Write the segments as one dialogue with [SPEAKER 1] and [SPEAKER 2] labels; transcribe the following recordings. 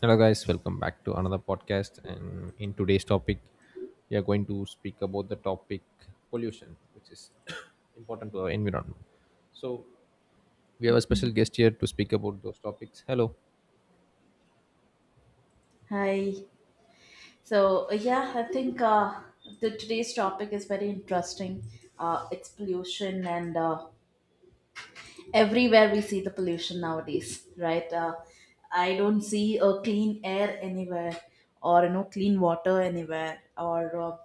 [SPEAKER 1] Hello, guys, welcome back to another podcast. And in today's topic, we are going to speak about the topic pollution, which is important to our environment. So, we have a special guest here to speak about those topics. Hello.
[SPEAKER 2] Hi. Yeah, I think the today's topic is very interesting. It's pollution, and everywhere we see the pollution nowadays, right? I don't see a clean air anywhere, or you know, clean water anywhere, or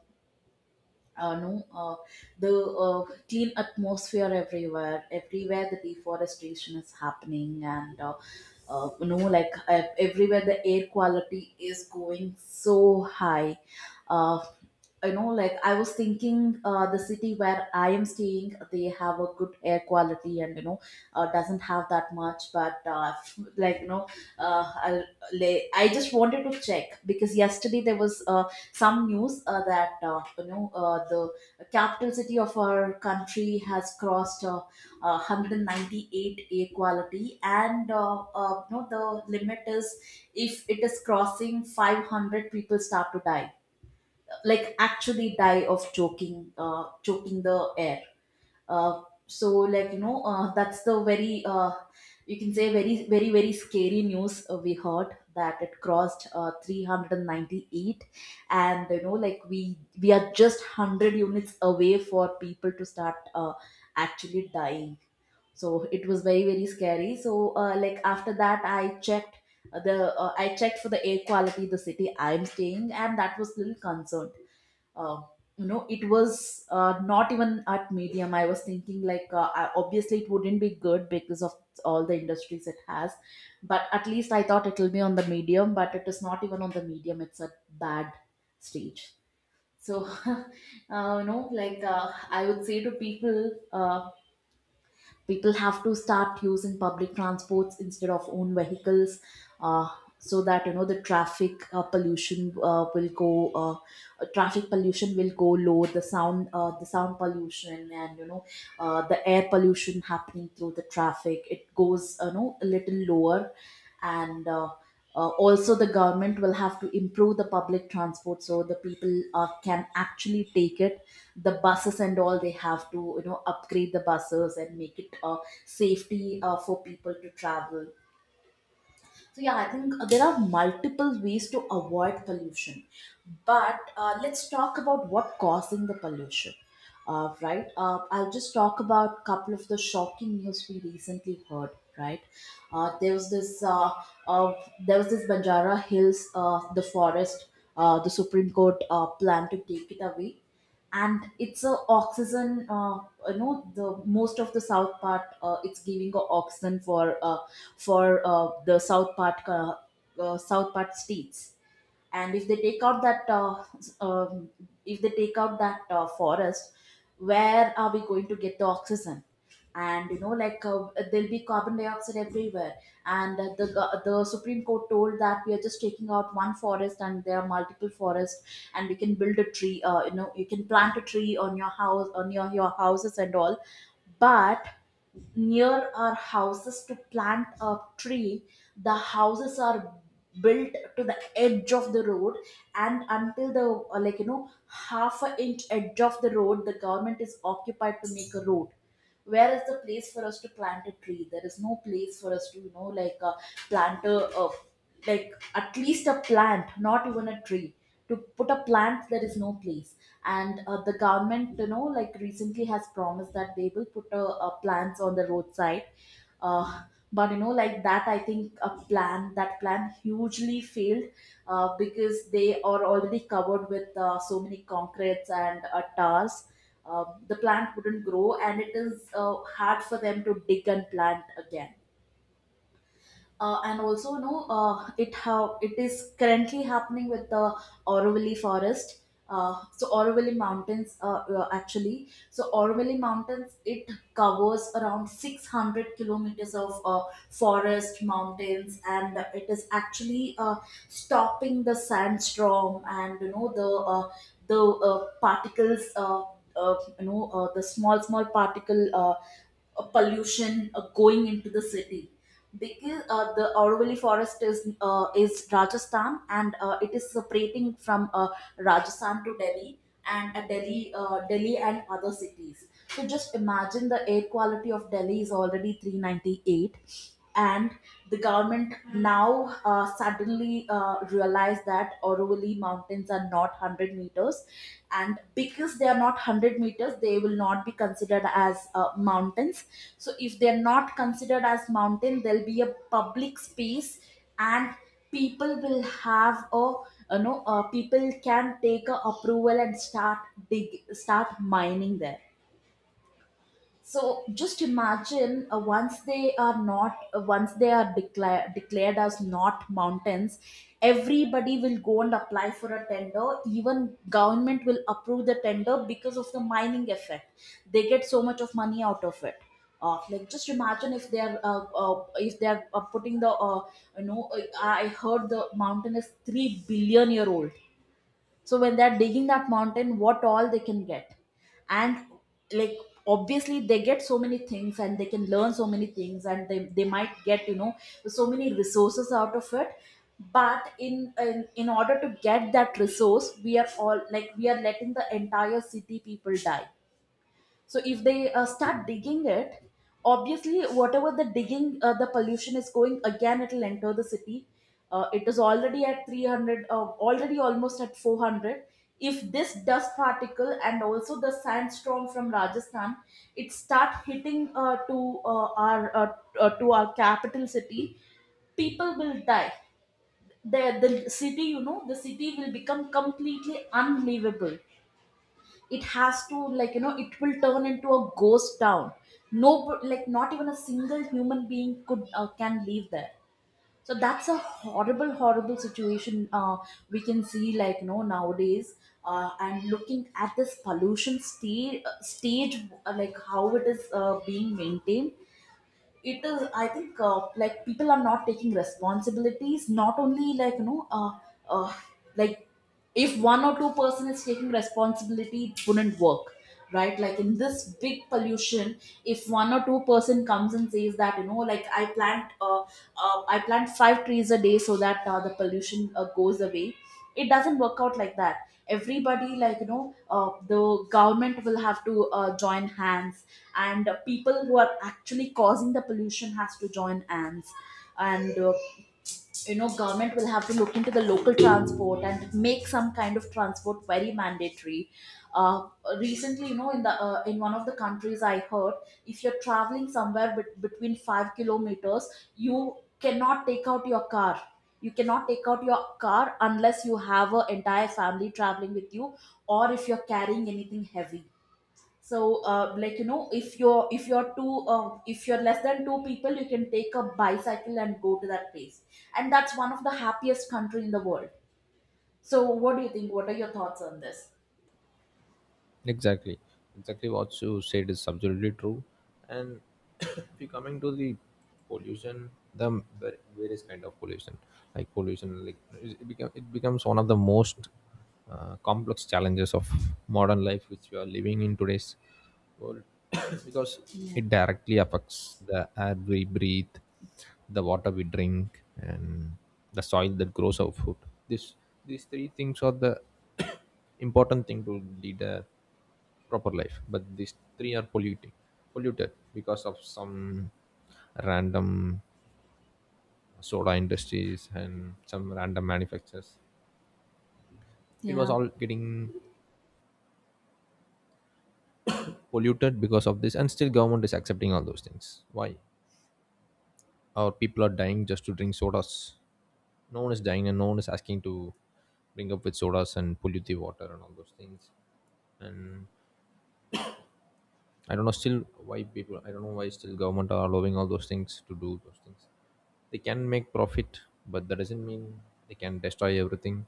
[SPEAKER 2] no, the clean atmosphere everywhere. Everywhere the deforestation is happening, and everywhere the air quality is going so high. Uh, you know, like I was thinking, the city where I am staying, they have a good air quality, and doesn't have that much. But like you know, uh, I'll, I just wanted to check because yesterday there was some news that the capital city of our country has crossed 198 a quality, and you know the limit is if it is crossing 500 people start to die, like actually die of choking, choking the air. Uh, so like you know uh, that's the very, you can say very, very, very scary news. We heard that it crossed 398, and you know like we are just 100 units away for people to start actually dying. So it was very, very scary. So like after that I checked the I checked for the air quality the city I'm staying, and that was little concerned. Uh, you know it was not even at medium. I was thinking obviously it wouldn't be good because of all the industries it has, but at least I thought it will be on the medium, but it is not even on the medium. It's a bad stage. So I would say to people, uh, people have to start using public transports instead of own vehicles, uh, so that you know the traffic pollution will go low, the sound pollution, and you know the air pollution happening through the traffic, it goes you know a little lower. And also the government will have to improve the public transport so the people can actually take it, the buses and all. They have to, you know, upgrade the buses and make it safety for people to travel. So yeah, I think there are multiple ways to avoid pollution, but let's talk about what causing the pollution. Right, I'll just talk about a couple of the shocking news we recently heard. Right, uh, there was this uh, uh, there was this Banjara Hills, the forest, the Supreme Court plan to take it away, and it's a oxygen, the most of the south part, it's giving a oxygen for the south part, south part states. And if they take out if they take out that forest, where are we going to get the oxygen? And you know like there'll be carbon dioxide everywhere. And the Supreme Court told that we are just taking out one forest and there are multiple forests, and we can build a tree. You know, you can plant a tree on your house, on your houses and all, but near our houses to plant a tree, the houses are built to the edge of the road. And until the, half a inch edge of the road the government is occupied to make a road. Where is the place for us to plant a tree? There is no place for us to, you know, plant a, uh, like at least a plant, not even a tree. To put a plant there is no place. And the government, you know, like recently has promised that they will put a plants on the roadside. Uh, but you know like that, I think a plan, that plan hugely failed, because they are already covered with so many concretes and tars. The plant wouldn't grow, and it is hard for them to dig and plant again. Uh, and also no uh, it how it is currently happening with the Auroville forest. So Auroville mountains, actually, Auroville mountains, it covers around 600 kilometers of forest mountains, and it is actually stopping the sandstorm, and you know the particles, the small small particle pollution going into the city, because the Auroville forest is Rajasthan, and it is separating from Rajasthan to Delhi, and Delhi and other cities. So just imagine the air quality of Delhi is already 398, and the government now suddenly realized that Auroville mountains are not 100 meters, and because they are not 100 meters, they will not be considered as mountains. So if they're not considered as mountain, there'll be a public space, and people will have a, you know, people can take a approval and start dig, start mining there. So just imagine, once they are not, once they are declared as not mountains, everybody will go and apply for a tender. Even government will approve the tender because of the mining effect. They get so much of money out of it. Like just imagine if they are putting the, I heard the mountain is 3 billion year old. So when they're digging that mountain, what all they can get? And like obviously they get so many things and they can learn so many things, and they might get, you know, so many resources out of it. But in, in order to get that resource, we are all like we are letting the entire city people die. So if they start digging it, obviously whatever the digging, the pollution is going, again it will enter the city. It is already at 300, already almost at 400. If this dust particle and also the sandstorm from Rajasthan, it start hitting uh, our uh, to our capital city, people will die. The city, you know, the city will become completely unlivable. It has to, like you know, it will turn into a ghost town. No, like not even a single human being could can live there. So that's a horrible, horrible situation we can see, like you know, nowadays, and looking at this pollution stage, like how it is being maintained, it is I think, like people are not taking responsibilities, not only like you know, uh, like if one or two person is taking responsibility, it wouldn't work, right? Like in this big pollution, if one or two-person comes and says that, you know, like I plant, I plant 5 trees a day so that the pollution goes away, it doesn't work out like that. Everybody, like, you know, the government will have to join hands, and people who are actually causing the pollution has to join hands, and you know government will have to look into the local transport and make some kind of transport very mandatory. uh, Recently you know, in the in one of the countries I heard, if you're traveling somewhere between 5 kilometers, you cannot take out your car. You cannot take out your car unless you have an entire family traveling with you, or if you're carrying anything heavy. So like you know, if you're two if you're less than two people, you can take a bicycle and go to that place. And that's one of the happiest country in the world. So what do you think? What are your thoughts on this?
[SPEAKER 1] Exactly, exactly what you said is absolutely true. And if you're coming to the pollution, the various kind of pollution, like it becomes one of the most complex challenges of modern life, which we are living in today's world, because
[SPEAKER 2] Yeah.
[SPEAKER 1] it directly affects the air we breathe, the water we drink, and the soil that grows our food. This, these three things are the important thing to lead a proper life, but these three are polluting polluted because of some random soda industries and some random manufacturers. It was
[SPEAKER 2] Yeah.
[SPEAKER 1] all getting polluted because of this, and still government is accepting all those things. Why our people are dying just to drink sodas? No one is dying, and no one is asking to bring up with sodas and pollute the water and all those things. And I don't know still why people. I don't know why still government are allowing all those things to do those things. They can make profit, but that doesn't mean they can destroy everything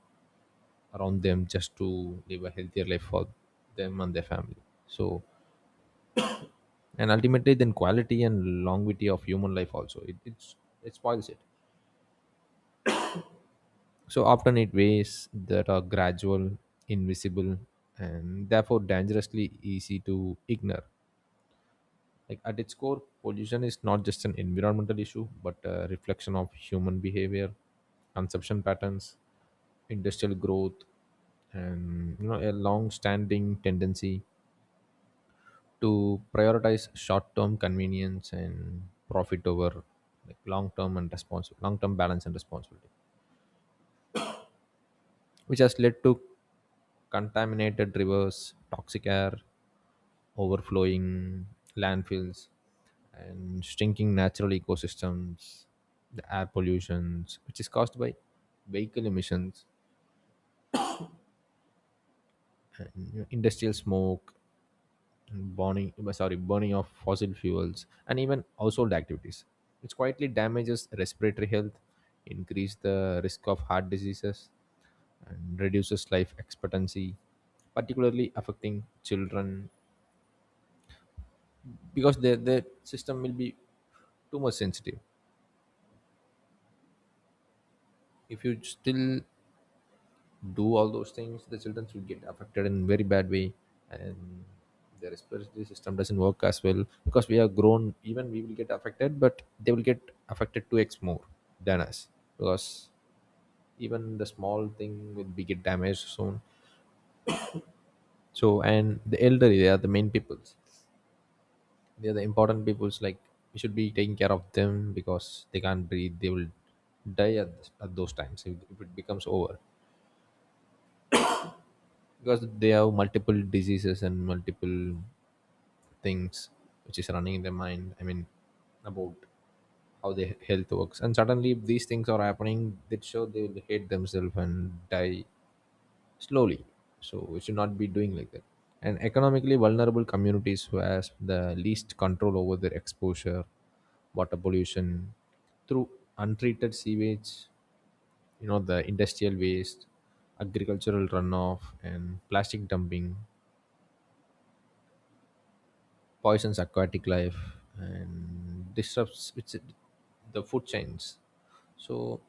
[SPEAKER 1] around them just to live a healthier life for them and their family. So, and ultimately, then quality and longevity of human life also it spoils it. So often it ways that are gradual, invisible, and therefore dangerously easy to ignore. Like at its core, pollution is not just an environmental issue but a reflection of human behavior, consumption patterns, industrial growth, and a long standing tendency to prioritize short term convenience and profit over, like, long term and responsible long term balance and responsibility, which has led to contaminated rivers, toxic air, overflowing landfills, and shrinking natural ecosystems. The air pollutions, which is caused by vehicle emissions, and, industrial smoke, and burning of fossil fuels and even household activities, it quietly damages respiratory health, increase the risk of heart diseases, and reduces life expectancy, particularly affecting children because their system will be too much sensitive. If you still do all those things, the children will get affected in very bad way, and their respiratory system doesn't work as well. Because we are grown, even we will get affected, but they will get affected 2x more than us, because even the small thing will be get damaged soon. So, and the elderly, they are the main peoples, they are the important peoples. Like, we should be taking care of them because they can't breathe, they will die at those times, if it becomes over, because they have multiple diseases and multiple things which is running in their mind. I mean, about how their health works, and suddenly if these things are happening, that sure they will hate themselves and die slowly. So we should not be doing like that. And economically vulnerable communities who has the least control over their exposure, water pollution through untreated sewage, the industrial waste, agricultural runoff and plastic dumping, poisons aquatic life and disrupts its the food chains. So,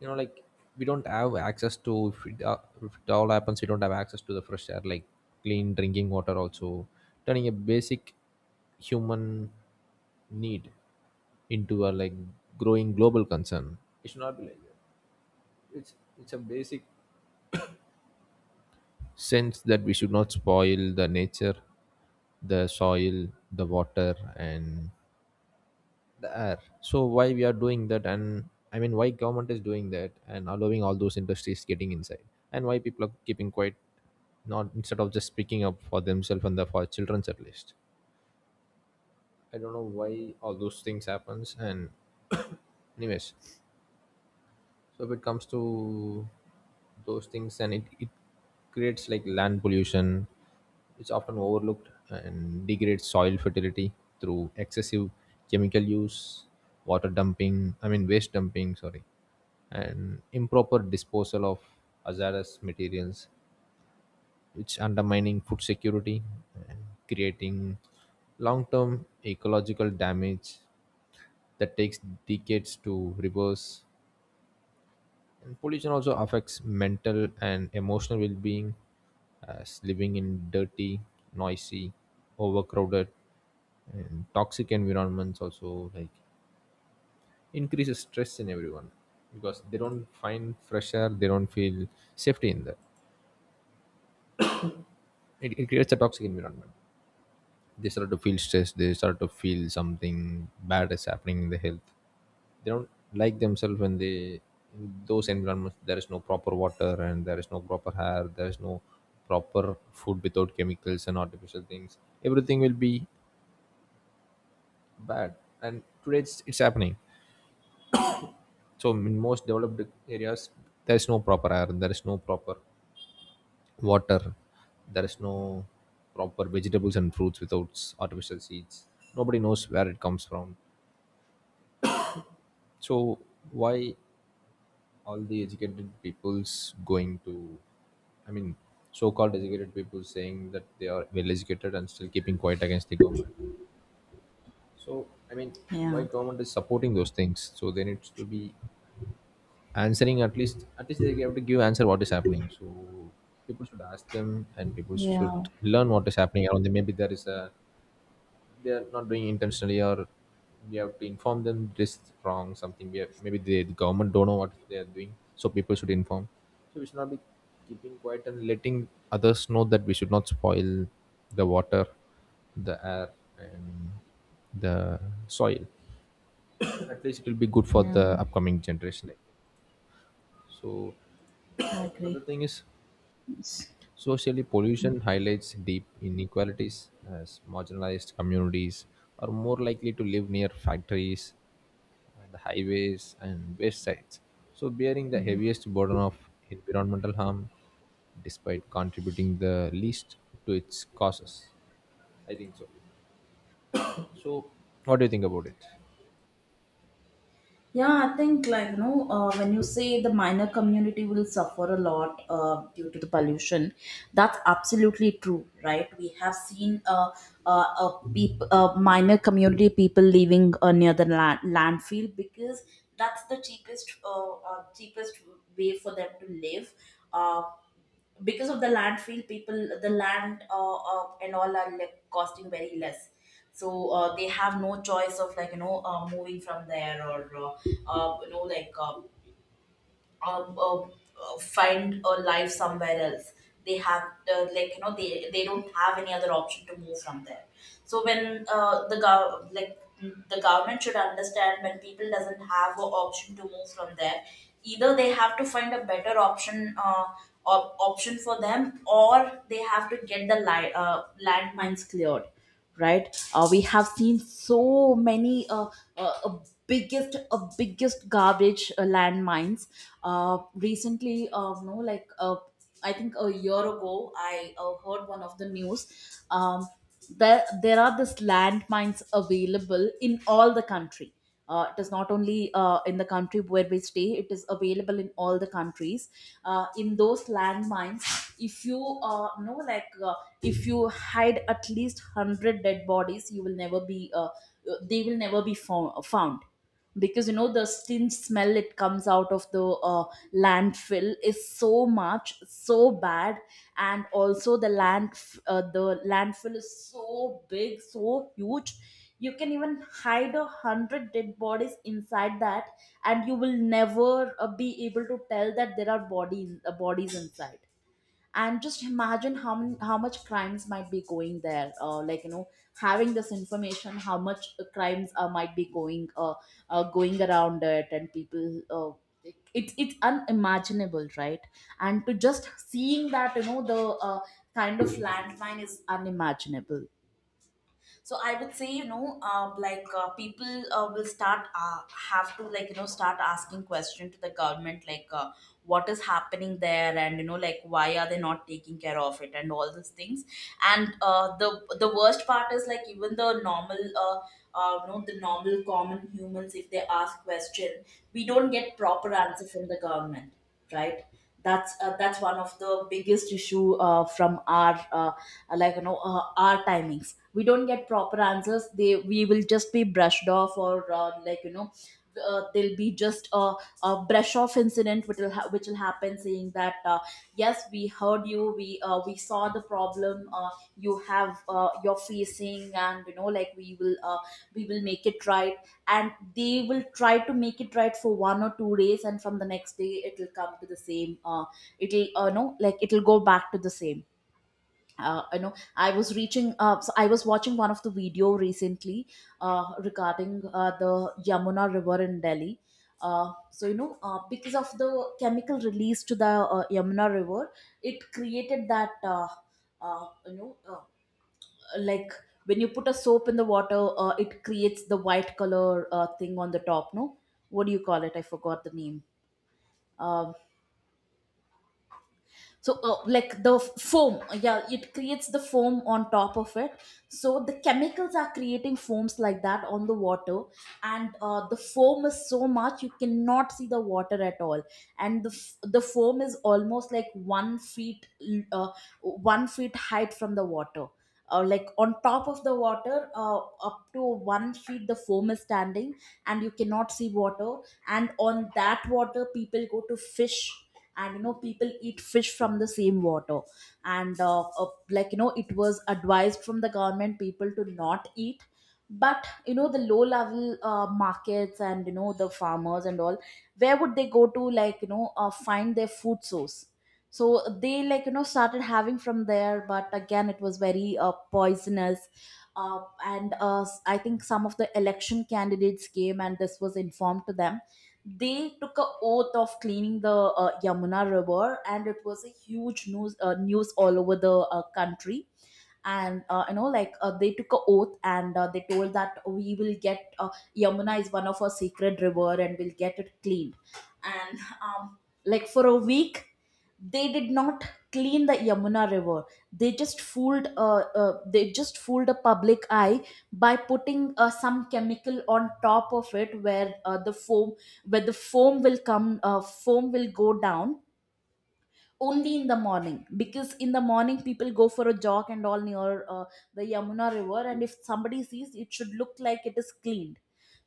[SPEAKER 1] like, we don't have access to, if it, if it all happens, we don't have access to the fresh air, like clean drinking water also, turning a basic human need into a, like, growing global concern. It should not be like that. It's a basic sense that we should not spoil the nature, the soil, the water, and the air. So why we are doing that? And, I mean, why government is doing that and allowing all those industries getting inside, and why people are keeping quiet, not instead of just speaking up for themselves and for children's at least? I don't know why all those things happens. And anyways, so if it comes to those things, and it creates, like, land pollution, it's often overlooked and degrades soil fertility through excessive chemical use, I mean waste dumping, and improper disposal of hazardous materials, which undermining food security and creating long-term ecological damage that takes decades to reverse. And pollution also affects mental and emotional well being, as living in dirty, noisy, overcrowded, and toxic environments also, like, increases stress in everyone, because they don't find fresh air, they don't feel safety in that. It creates a toxic environment. They start to feel stressed, they start to feel something bad is happening in the health. They don't like themselves when they in those environments. There is no proper water, and there is no proper air, there is no proper food without chemicals and artificial things. Everything will be bad, and today it's happening. So in most developed areas, there is no proper air, there is no proper water, there is no proper vegetables and fruits without artificial seeds. Nobody knows where it comes from. So why all the educated people's going to I mean so-called educated people saying that they are well educated and still keeping quiet against the government? So, I mean, why
[SPEAKER 2] Yeah.
[SPEAKER 1] government is supporting those things? So they need to be answering. At least they have to give answer what is happening. So people should ask them, and people should
[SPEAKER 2] Yeah.
[SPEAKER 1] learn what is happening around them. Maybe there is a they are not doing intentionally, or we have to inform them, this is wrong something we have. Maybe the government don't know what they are doing, so people should inform. So we should not be keeping quiet, and letting others know that we should not spoil the water, the air, and the soil. At least it will be good for
[SPEAKER 2] Yeah.
[SPEAKER 1] the upcoming generation. So
[SPEAKER 2] I
[SPEAKER 1] another
[SPEAKER 2] agree.
[SPEAKER 1] thing is, socially, pollution highlights deep inequalities, as marginalized communities are more likely to live near factories, the highways, and waste sites, so bearing the heaviest burden of environmental harm despite contributing the least to its causes. I think so. So, what do you think about it?
[SPEAKER 2] Yeah, I think like you know when you say the minor community will suffer a lot due to the pollution, that's absolutely true, right? We have seen minor community people living near the landfill because that's the cheapest cheapest way for them to live. Uh, because of the landfill people, the land and all are like costing very less, so they have no choice of moving from there or uh, you know like uh, uh, uh, find a life somewhere else. They have they don't have any other option to move from there. So when the government should understand, when people doesn't have an option to move from there, either they have to find a better option for them, or they have to get the landmines cleared, right? We have seen so many uh, uh, biggest garbage landmines recently. No like I think a year ago I heard one of the news. um, there are this landmines available in all the country. It is not only in the country where we stay, it is available in all the countries. In those landmines, if you know, if you hide at least 100 dead bodies, you will never be, they will never be found, because you know the stink smell, it comes out of the landfill, is so much so bad. And also the land, the landfill, is so big so huge, you can even hide a hundred dead bodies inside that, and you will never be able to tell that there are bodies inside. And just imagine how many, how much crimes might be going there, having this information, how much crimes might be going going around it. And people it's unimaginable, right? And to just seeing that you know the kind of landmine is unimaginable. So I would say people will start have to start asking question to the government, like what is happening there, and you know like why are they not taking care of it and all these things. And the worst part is, like, even the normal the normal common humans, if they ask question, we don't get proper answer from the government, right? That's one of the biggest issue from our our timings. We don't get proper answers. They, we will just be brushed off, or there'll be just a brush off incident which will which will happen, saying that yes, we heard you, we saw the problem you have, you're facing, and you know like we will make it right. And they will try to make it right for 1 or 2 days, and from the next day it will come to the same, it'll no like it'll go back to the same. I was reaching so I was watching one of the video recently regarding the Yamuna River in Delhi. So you know, because of the chemical release to the Yamuna River, it created that, uh, you know uh, like when you put a soap in the water, it creates the white color thing on the top. No, what do you call it? I forgot the name. Um so foam, yeah, it creates the foam on top of it. So the chemicals are creating foams like that on the water, and the foam is so much you cannot see the water at all. And the, the foam is almost like 1 foot height from the water, like on top of the water, up to 1 foot the foam is standing, and you cannot see water. And on that water people go to fish, and you know people eat fish from the same water. And it was advised from the government people to not eat, but you know the low level markets and you know the farmers and all, where would they go to find their food source? So they started having from there, but again it was very poisonous. And I think some of the election candidates came and this was informed to them. They took a oath of cleaning the Yamuna River, and it was a huge news all over the country. And they took a oath, and they told that we will get Yamuna is one of our sacred river, and we'll get it cleaned. And like for a week they did not clean the Yamuna River. They just fooled they just fooled the public eye by putting some chemical on top of it, where the foam will come, foam will go down only in the morning, because in the morning people go for a jog and all near the Yamuna River, and if somebody sees, it should look like it is cleaned.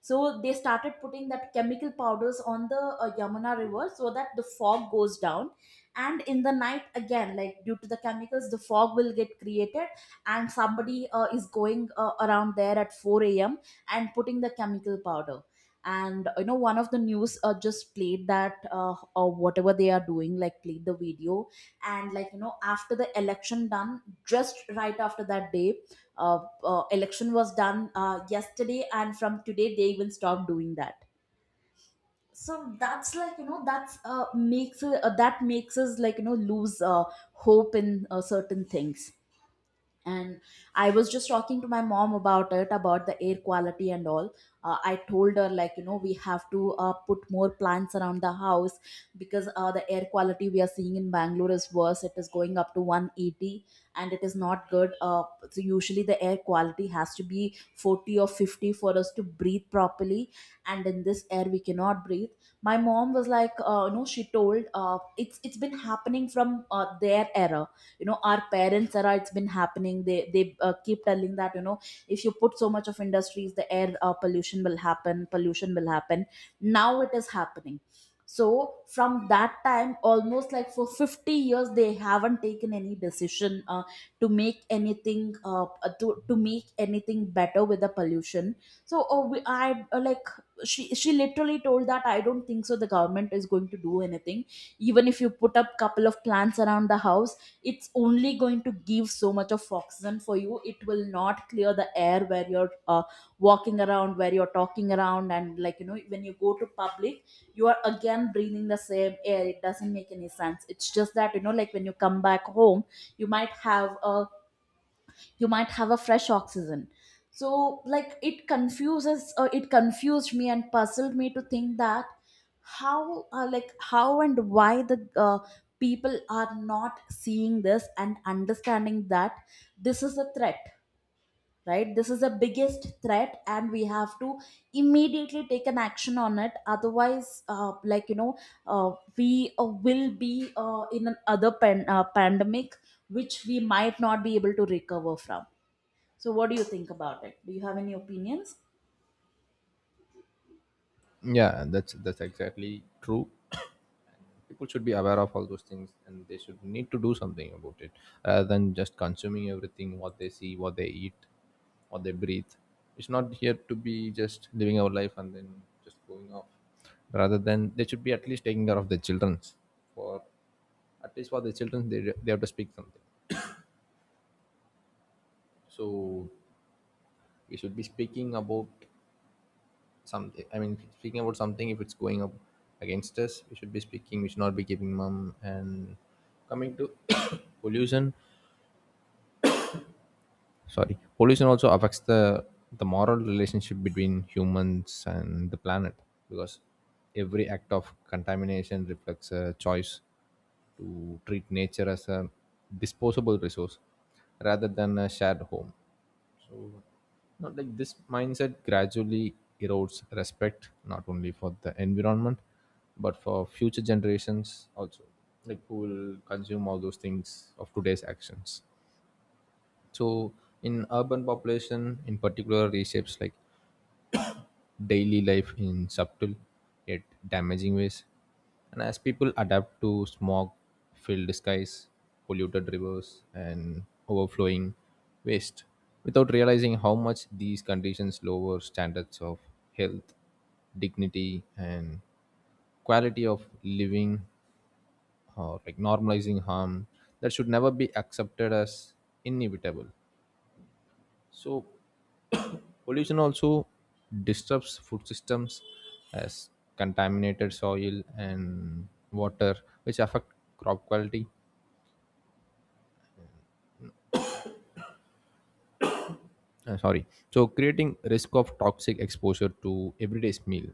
[SPEAKER 2] So they started putting that chemical powders on the Yamuna River, so that the fog goes down, and in the night again, like, due to the chemicals the fog will get created. And somebody is going around there at 4 a.m. and putting the chemical powder. And you know, one of the news just played that, or whatever they are doing, like played the video. And like you know after the election done, just right after that day, election was done yesterday, and from today they even stopped doing that. So that's like you know, that makes us like you know lose hope in certain things. And I was just talking to my mom about it, about the air quality and all. I told her like you know we have to put more plants around the house, because the air quality we are seeing in Bangalore is worse, it is going up to 180, and it is not good. So usually the air quality has to be 40 or 50 for us to breathe properly, and in this air we cannot breathe. My mom was like, you know, she told, it's been happening from their era, you know, our parents era, it's been happening. They keep telling that you know if you put so much of industries, the air pollution will happen, now it is happening. So from that time almost like for 50 years they haven't taken any decision to make anything uh, to make anything better with the pollution. So oh, we, I, she literally told that I don't think so the government is going to do anything. Even if you put up couple of plants around the house, it's only going to give so much of oxygen for you, it will not clear the air where you're walking around, where you're talking around. And like you know when you go to public, you are again breathing the same air, it doesn't make any sense. It's just that you know like when you come back home you might have a, you might have a fresh oxygen. So like it confused me and puzzled me to think that how, how and why the people are not seeing this and understanding that this is a threat. Right, this is the biggest threat, and we have to immediately take an action on it, otherwise we will be in another pandemic which we might not be able to recover from. So, what do you think about it? Do you have any opinions?
[SPEAKER 1] Yeah, that's exactly true. People should be aware of all those things and they should need to do something about it, rather than just consuming everything what they see, what they eat, what they breathe. It's not here to be just living our life and then just going off. Rather than, they should be at least taking care of their children. For at least for the children, they have to speak something. So we should be speaking about something. I mean, speaking about something, if it's going up against us, we should be speaking, we should not be keeping mum. And coming to pollution, sorry pollution also affects the moral relationship between humans and the planet, because every act of contamination reflects a choice to treat nature as a disposable resource rather than a shared home. So, not like this mindset gradually erodes respect not only for the environment but for future generations also, like, who will consume all those things of today's actions. So in urban population in particular, reshapes, like, daily life in subtle yet damaging ways. And as people adapt to smog filled skies, polluted rivers and overflowing waste, without realizing how much these conditions lower standards of health, dignity and quality of living, or, like, normalizing harm that should never be accepted as inevitable. So pollution also disturbs food systems, as contaminated soil and water, which affect crop quality. Uh, sorry, so creating risk of toxic exposure to everyday's meal,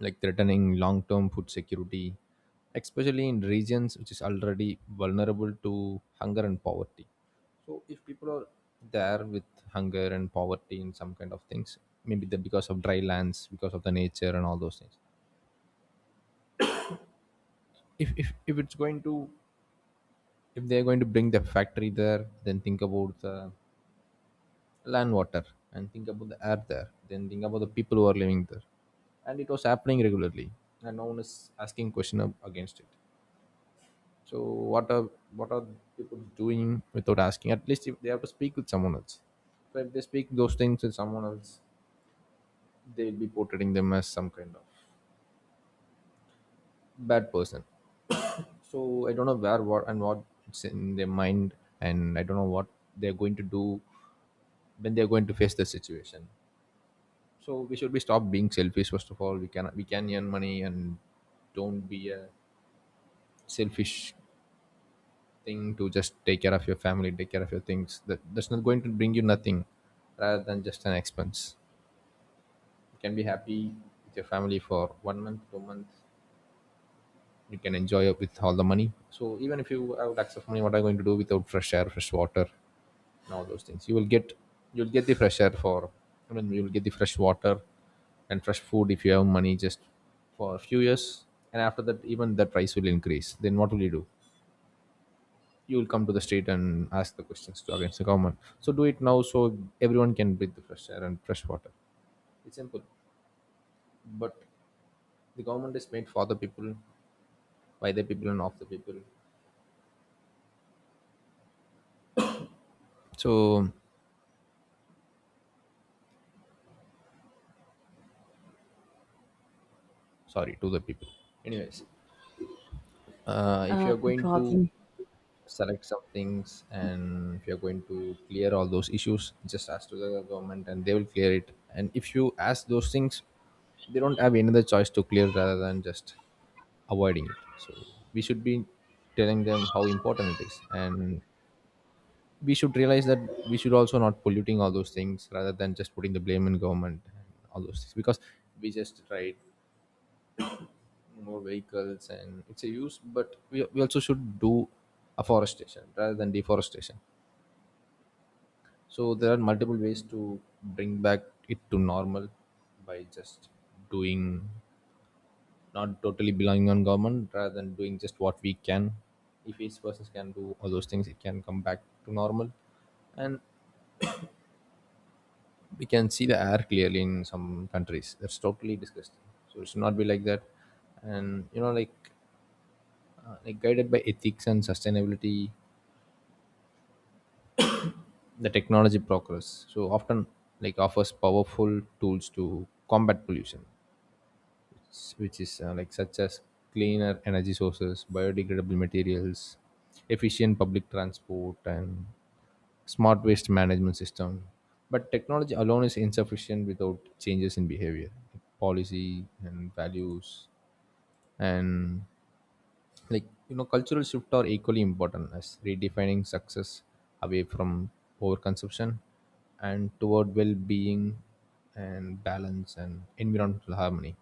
[SPEAKER 1] like threatening long-term food security, especially in regions which is already vulnerable to hunger and poverty. So if people are there with hunger and poverty and some kind of things, maybe because of dry lands, because of the nature and all those things, if, if if it's going to if they're going to bring the factory there, then think about the land, water, and think about the air there, then think about the people who are living there. And it was happening regularly, and no one is asking question against it. So what are what are people doing without asking? At least if they have to speak with someone else, so if they speak those things with someone else, they'll be portraying them as some kind of bad person. So I don't know where what and what it's in their mind, and I don't know what they're going to do when they're going to face the situation. So we should be stop being selfish. First of all, we can earn money and don't be a selfish thing to just take care of your family, take care of your things. That that's not going to bring you nothing, rather than just an expense. You can be happy with your family for one month, 2 months. You can enjoy it with all the money. So even if you have lakhs of money, what are you going to do without fresh air, fresh water, and all those things? You'll get the fresh air for I mean you'll get the fresh water and fresh food if you have money just for a few years. And after that, even that price will increase. Then what will you do? You will come to the street and ask the questions to against the government. So do it now, so everyone can breathe the fresh air and fresh water. It's simple. But the government is made for the people, by the people and of the people. So, sorry, to the people. Anyways, if you are
[SPEAKER 2] No
[SPEAKER 1] going to
[SPEAKER 2] problem.
[SPEAKER 1] select some things, and if you're going to clear all those issues, just ask to the government and they will clear it. And if you ask those things, they don't have any other choice to clear, rather than just avoiding it. So we should be telling them how important it is, and we should realize that we should also not polluting all those things, rather than just putting the blame in government and all those things. Because we just tried more vehicles and it's a use, but we also should do afforestation rather than deforestation. So there are multiple ways to bring back it to normal, by just doing, not totally belonging on government, rather than doing just what we can. If each person can do all those things, it can come back to normal, and we can see the air clearly in some countries. That's totally disgusting. So it should not be like that. And, like guided by ethics and sustainability, the technology progress so often, like, offers powerful tools to combat pollution, which is, like, such as cleaner energy sources, biodegradable materials, efficient public transport, and smart waste management system. But technology alone is insufficient without changes in behavior, policy, and values. And, like, cultural shift are equally important, as redefining success away from overconsumption and toward well-being and balance and environmental harmony,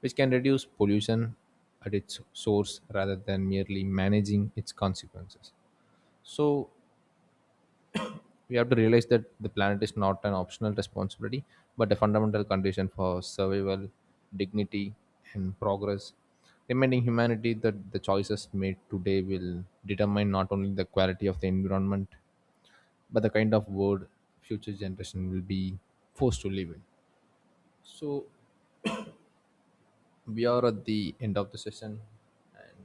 [SPEAKER 1] which can reduce pollution at its source rather than merely managing its consequences. So we have to realize that the planet is not an optional responsibility, but a fundamental condition for survival, dignity, and progress. Reminding humanity that the choices made today will determine not only the quality of the environment, but the kind of world future generation will be forced to live in. So we are at the end of the session, and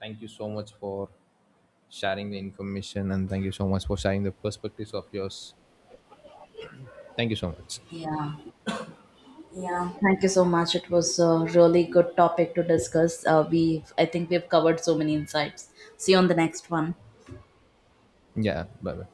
[SPEAKER 1] thank you so much for sharing the information, and thank you so much for sharing the perspectives of yours. Thank you so much.
[SPEAKER 2] Yeah, yeah. Thank you so much. It was a really good topic to discuss. We, I think, we've covered so many insights. See you on the next one.
[SPEAKER 1] Yeah, bye bye.